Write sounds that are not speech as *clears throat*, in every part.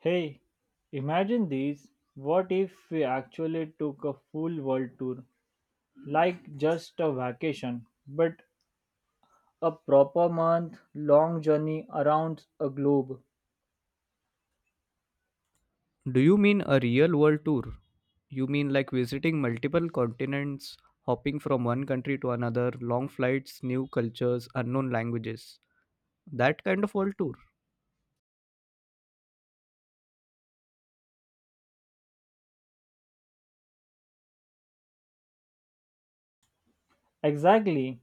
Hey, imagine these. What if we actually took a full world tour? Like just a vacation, but a proper month long journey around a globe. Do you mean a real world tour? You mean like visiting multiple continents, hopping from one country to another, long flights, new cultures, unknown languages. That kind of world tour. Exactly,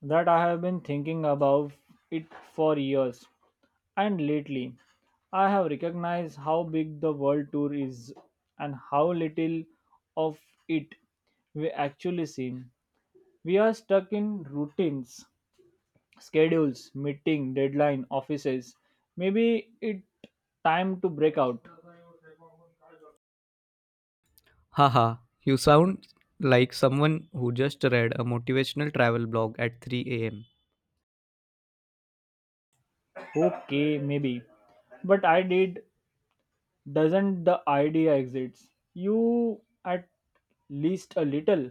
that I have been thinking about it for years. And lately, I have recognized how big the world tour is and how little of it we actually see. We are stuck in routines schedules, meeting, deadline, offices. Maybe it time to break out. Haha, you sound like someone who just read a motivational travel blog at 3 am. Okay, maybe. But I did doesn't the idea exits? You at least a little.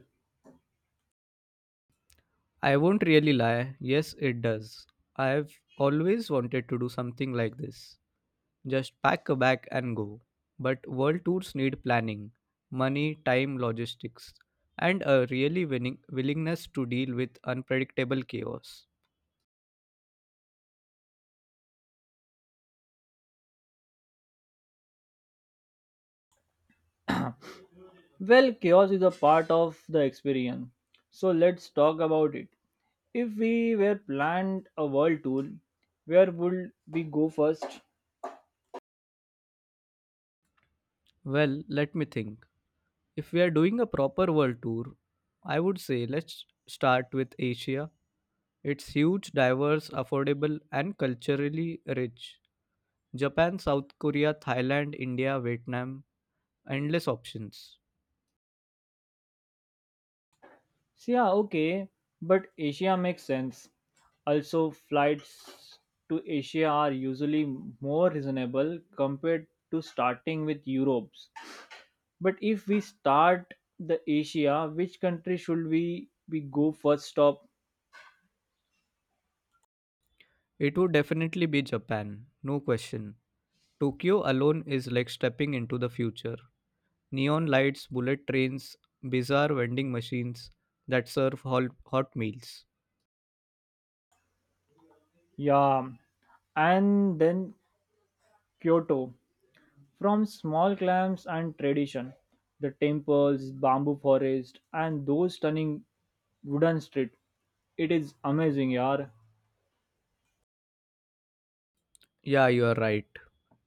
I won't really lie, yes, it does. I've always wanted to do something like this. Just pack a bag and go. But world tours need planning, money, time, logistics, and a really winning willingness to deal with unpredictable chaos. Well, chaos is a part of the experience. So let's talk about it. If we were planned a world tour, where would we go first? Well, let me think. If we are doing a proper world tour, I would say let's start with Asia. It's huge, diverse, affordable, and culturally rich. Japan, South Korea, Thailand, India, Vietnam, endless options. So, yeah, okay, but Asia makes sense. Also, flights to Asia are usually more reasonable compared to starting with Europe's. But if we start the Asia, which country should we go first stop? It would definitely be Japan, no question. Tokyo alone is like stepping into the future. Neon lights, bullet trains, bizarre vending machines that serve hot meals. Yeah, and then Kyoto. From small clams and tradition, the temples, bamboo forest, and those stunning wooden street. It is amazing, yaar. Yeah, you are right.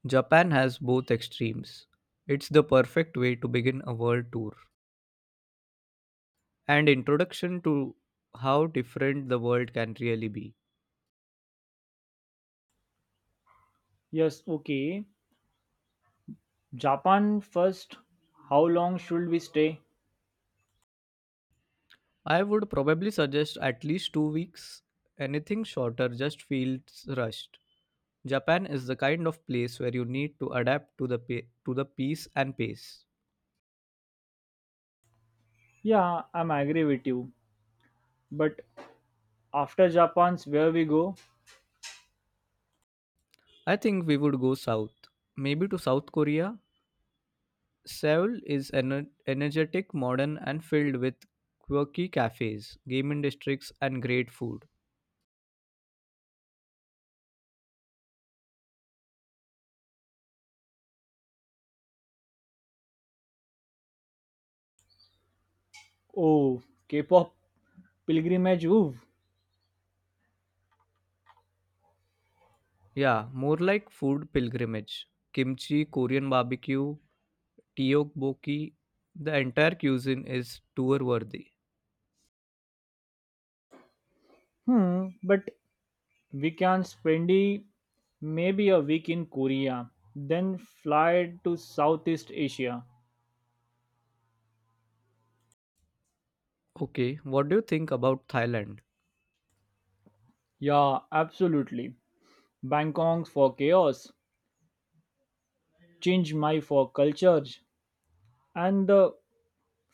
Japan has both extremes. It's the perfect way to begin a world tour and introduction to how different the world can really be. Yes, okay. Japan first. How long should we stay? I would probably suggest at least 2 weeks. Anything shorter just feels rushed. Japan is the kind of place where you need to adapt to the to the peace and pace. Yeah, I'm agree with you. But after Japan's where we go? I think we would go south, maybe to South Korea. Seoul is energetic, modern, and filled with quirky cafes, gaming districts, and great food. Oh, K-pop pilgrimage. Ooh. Yeah, more like food pilgrimage. Kimchi, Korean barbecue, tteokbokki. The entire cuisine is tour worthy. Hmm. But we can spend I- maybe a week in Korea, then fly to Southeast Asia. Okay, what do you think about Thailand? Yeah, absolutely. Bangkok for chaos, Chiang Mai for cultures, and the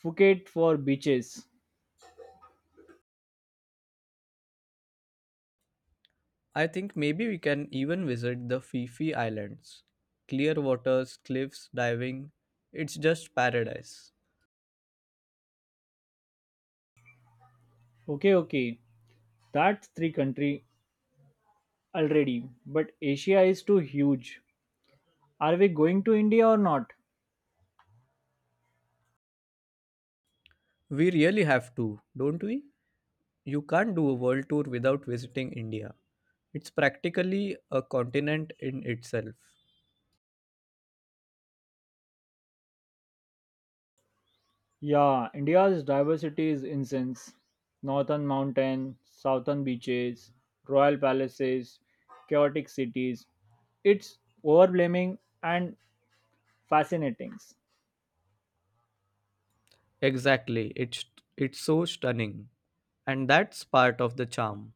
Phuket for beaches. I think maybe we can even visit the Phi Phi Islands. Clear waters, cliffs, diving. It's just paradise. Okay, okay. That's three country already, but Asia is too huge. Are we going to India or not? We really have to, don't we? You can't do a world tour without visiting India. It's practically a continent in itself. Yeah, India's diversity is incense. Northern mountain, southern beaches, royal palaces, chaotic cities. It's overwhelming and fascinating. Exactly. It's so stunning. And that's part of the charm.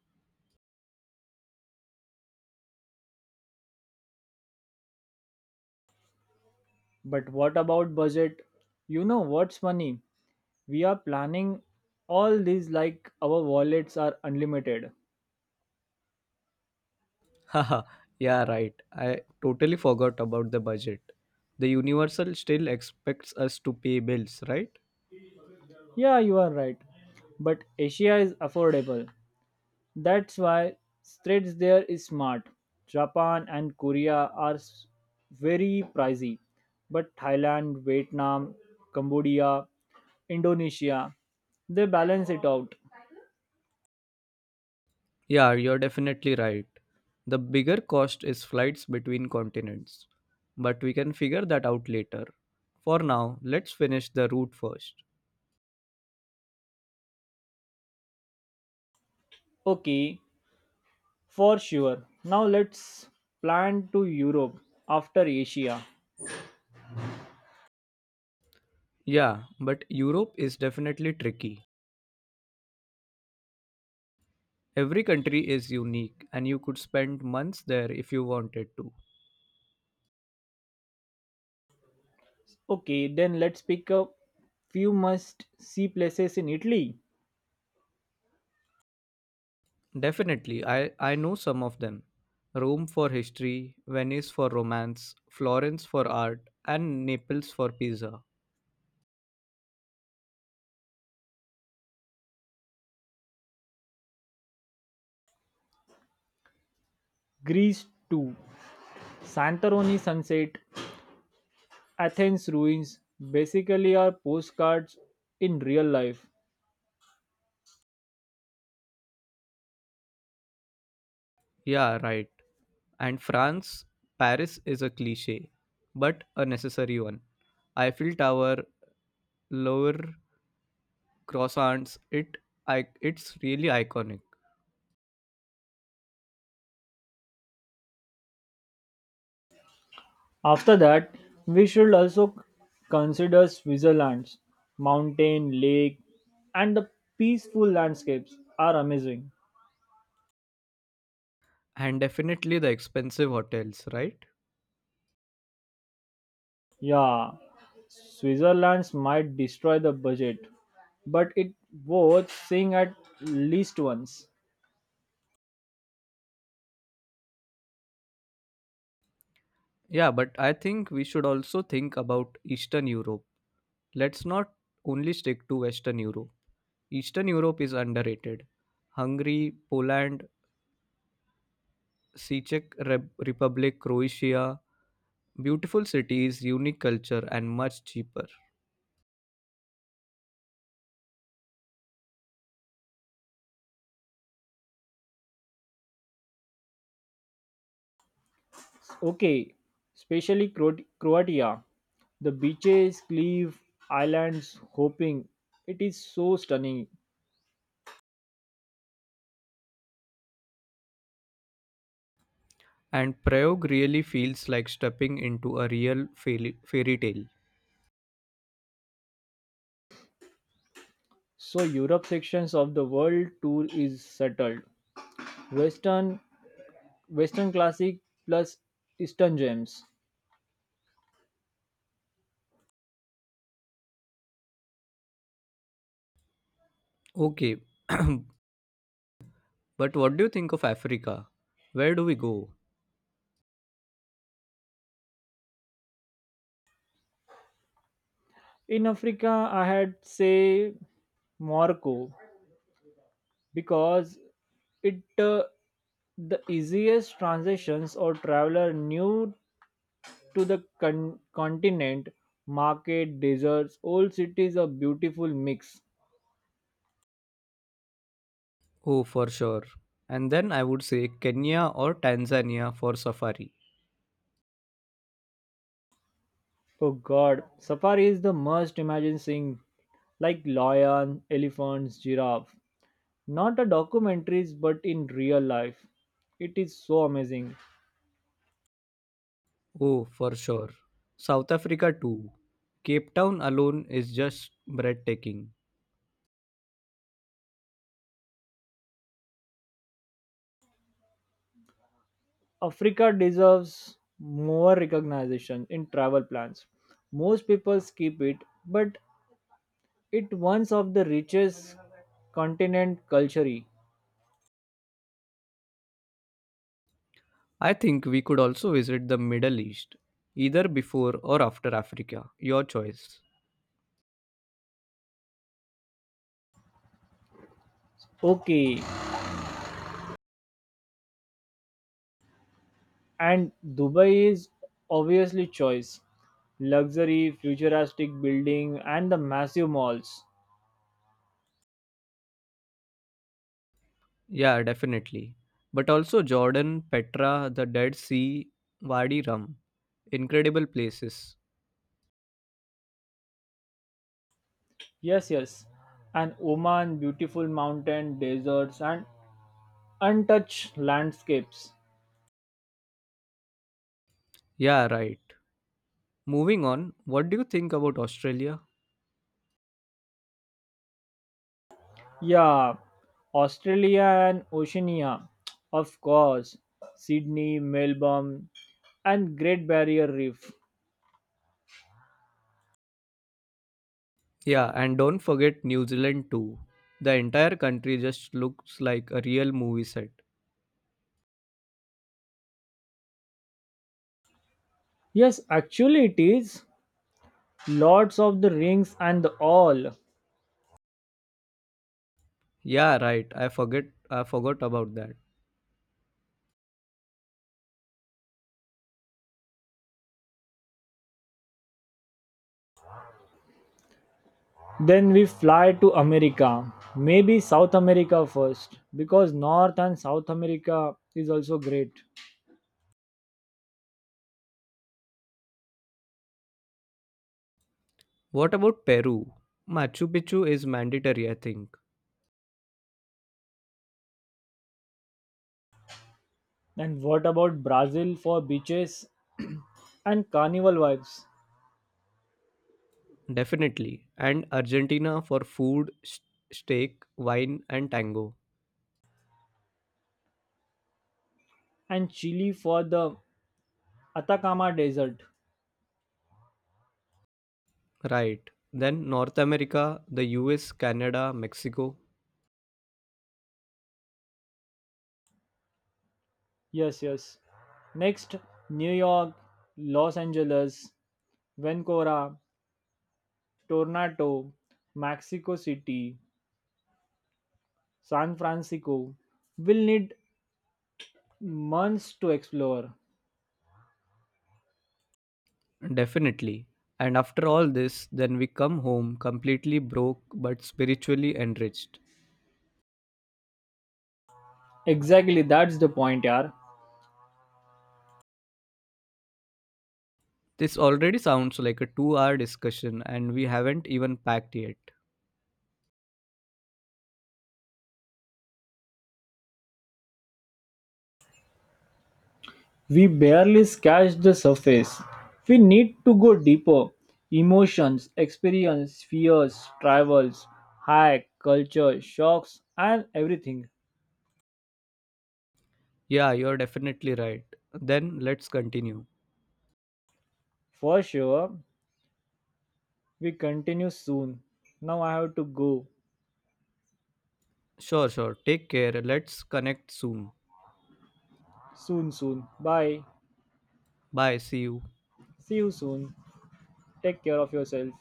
But what about budget? You know what's funny? We are planning all these like our wallets are unlimited. *laughs* Haha. Yeah, right. I totally forgot about the budget. The universal still expects us to pay bills, right? Yeah, you are right. But Asia is affordable. That's why threads there is smart. Japan and Korea are s- very pricey, but Thailand, Vietnam, Cambodia, Indonesia, they balance it out. Yeah, you're definitely right. The bigger cost is flights between continents, but we can figure that out later. For now, let's finish the route first. Okay, for sure. Now let's plan to Europe after Asia. Yeah, but Europe is definitely tricky. Every country is unique, and you could spend months there if you wanted to. Okay, then let's pick up few must see places in Italy. Definitely, I know some of them. Rome for history, Venice for romance, Florence for art, and Naples for pizza. Greece too. Santorini sunset, Athens ruins basically are postcards in real life. Yeah, right. And France, Paris is a cliche, but a necessary one. Eiffel Tower, Louvre, croissants, it's really iconic. After that, we should also consider Switzerland's mountain, lake, and the peaceful landscapes are amazing. And definitely the expensive hotels, right? Yeah, Switzerland's might destroy the budget, but it worth seeing at least once. Yeah, but I think we should also think about Eastern Europe. Let's not only stick to Western Europe. Eastern Europe is underrated. Hungary, Poland, C- Czech Re- Republic, Croatia, beautiful cities, unique culture, and much cheaper. Okay, especially Croatia. The beaches, cliff, islands, hoping. It is so stunning. And Prayog really feels like stepping into a fairy tale. So Europe sections of the world tour is settled. Western Western classic plus Eastern gems. Okay, *clears throat* but what do you think of Africa? Where do we go? In Africa, I had say Morocco because it the easiest transitions or traveler new to the continent. Market, deserts, old cities, a beautiful mix. Oh, for sure. And then I would say Kenya or Tanzania for safari. Oh God, safari is the must. Imagine seeing like lion, elephants, giraffe. Not a documentaries, but in real life. It is so amazing. Oh, for sure. South Africa too. Cape Town alone is just breathtaking. Africa deserves more recognition in travel plans. Most people skip it, but it once of the richest continent culturally. I think we could also visit the Middle East, either before or after Africa. Your choice. Okay, and Dubai is obviously choice. Luxury, futuristic building and the massive malls. Yeah, definitely. But also Jordan, Petra, the Dead Sea, Wadi Rum. Incredible places. Yes, yes. And Oman beautiful mountain, deserts and untouched landscapes. Yeah, right. Moving on, what do you think about Australia? Yeah, Australia and Oceania, of course, Sydney, Melbourne, and Great Barrier Reef. Yeah, and don't forget New Zealand too. The entire country just looks like a real movie set. Yes, actually, it is Lords of the Rings and all. Yeah, right. I forgot about that. Then we fly to America, maybe South America first, because North and South America is also great. What about Peru? Machu Picchu is mandatory, I think. And what about Brazil for beaches and carnival vibes, Definitely. And Argentina for food, steak, wine and tango. and Chile for the Atacama Desert? Right. Then North America, the US, Canada, Mexico. Yes, yes. Next, New York, Los Angeles, Vancouver, Toronto, Mexico City, San Francisco will need months to explore. Definitely. And after all this, then we come home completely broke but spiritually enriched. Exactly, that's the point, yaar. This already sounds like a 2 hour discussion and we haven't even packed yet. We barely scratch the surface. We need to go deeper. Emotions, experience, fears, travels, hike, culture, shocks, and everything. Yeah, you're definitely right. Then let's continue. For sure, we continue soon. Now I have to go. Sure, sure. Take care. Let's connect soon. Soon, soon. Bye. Bye. See you. See you soon. Take care of yourself.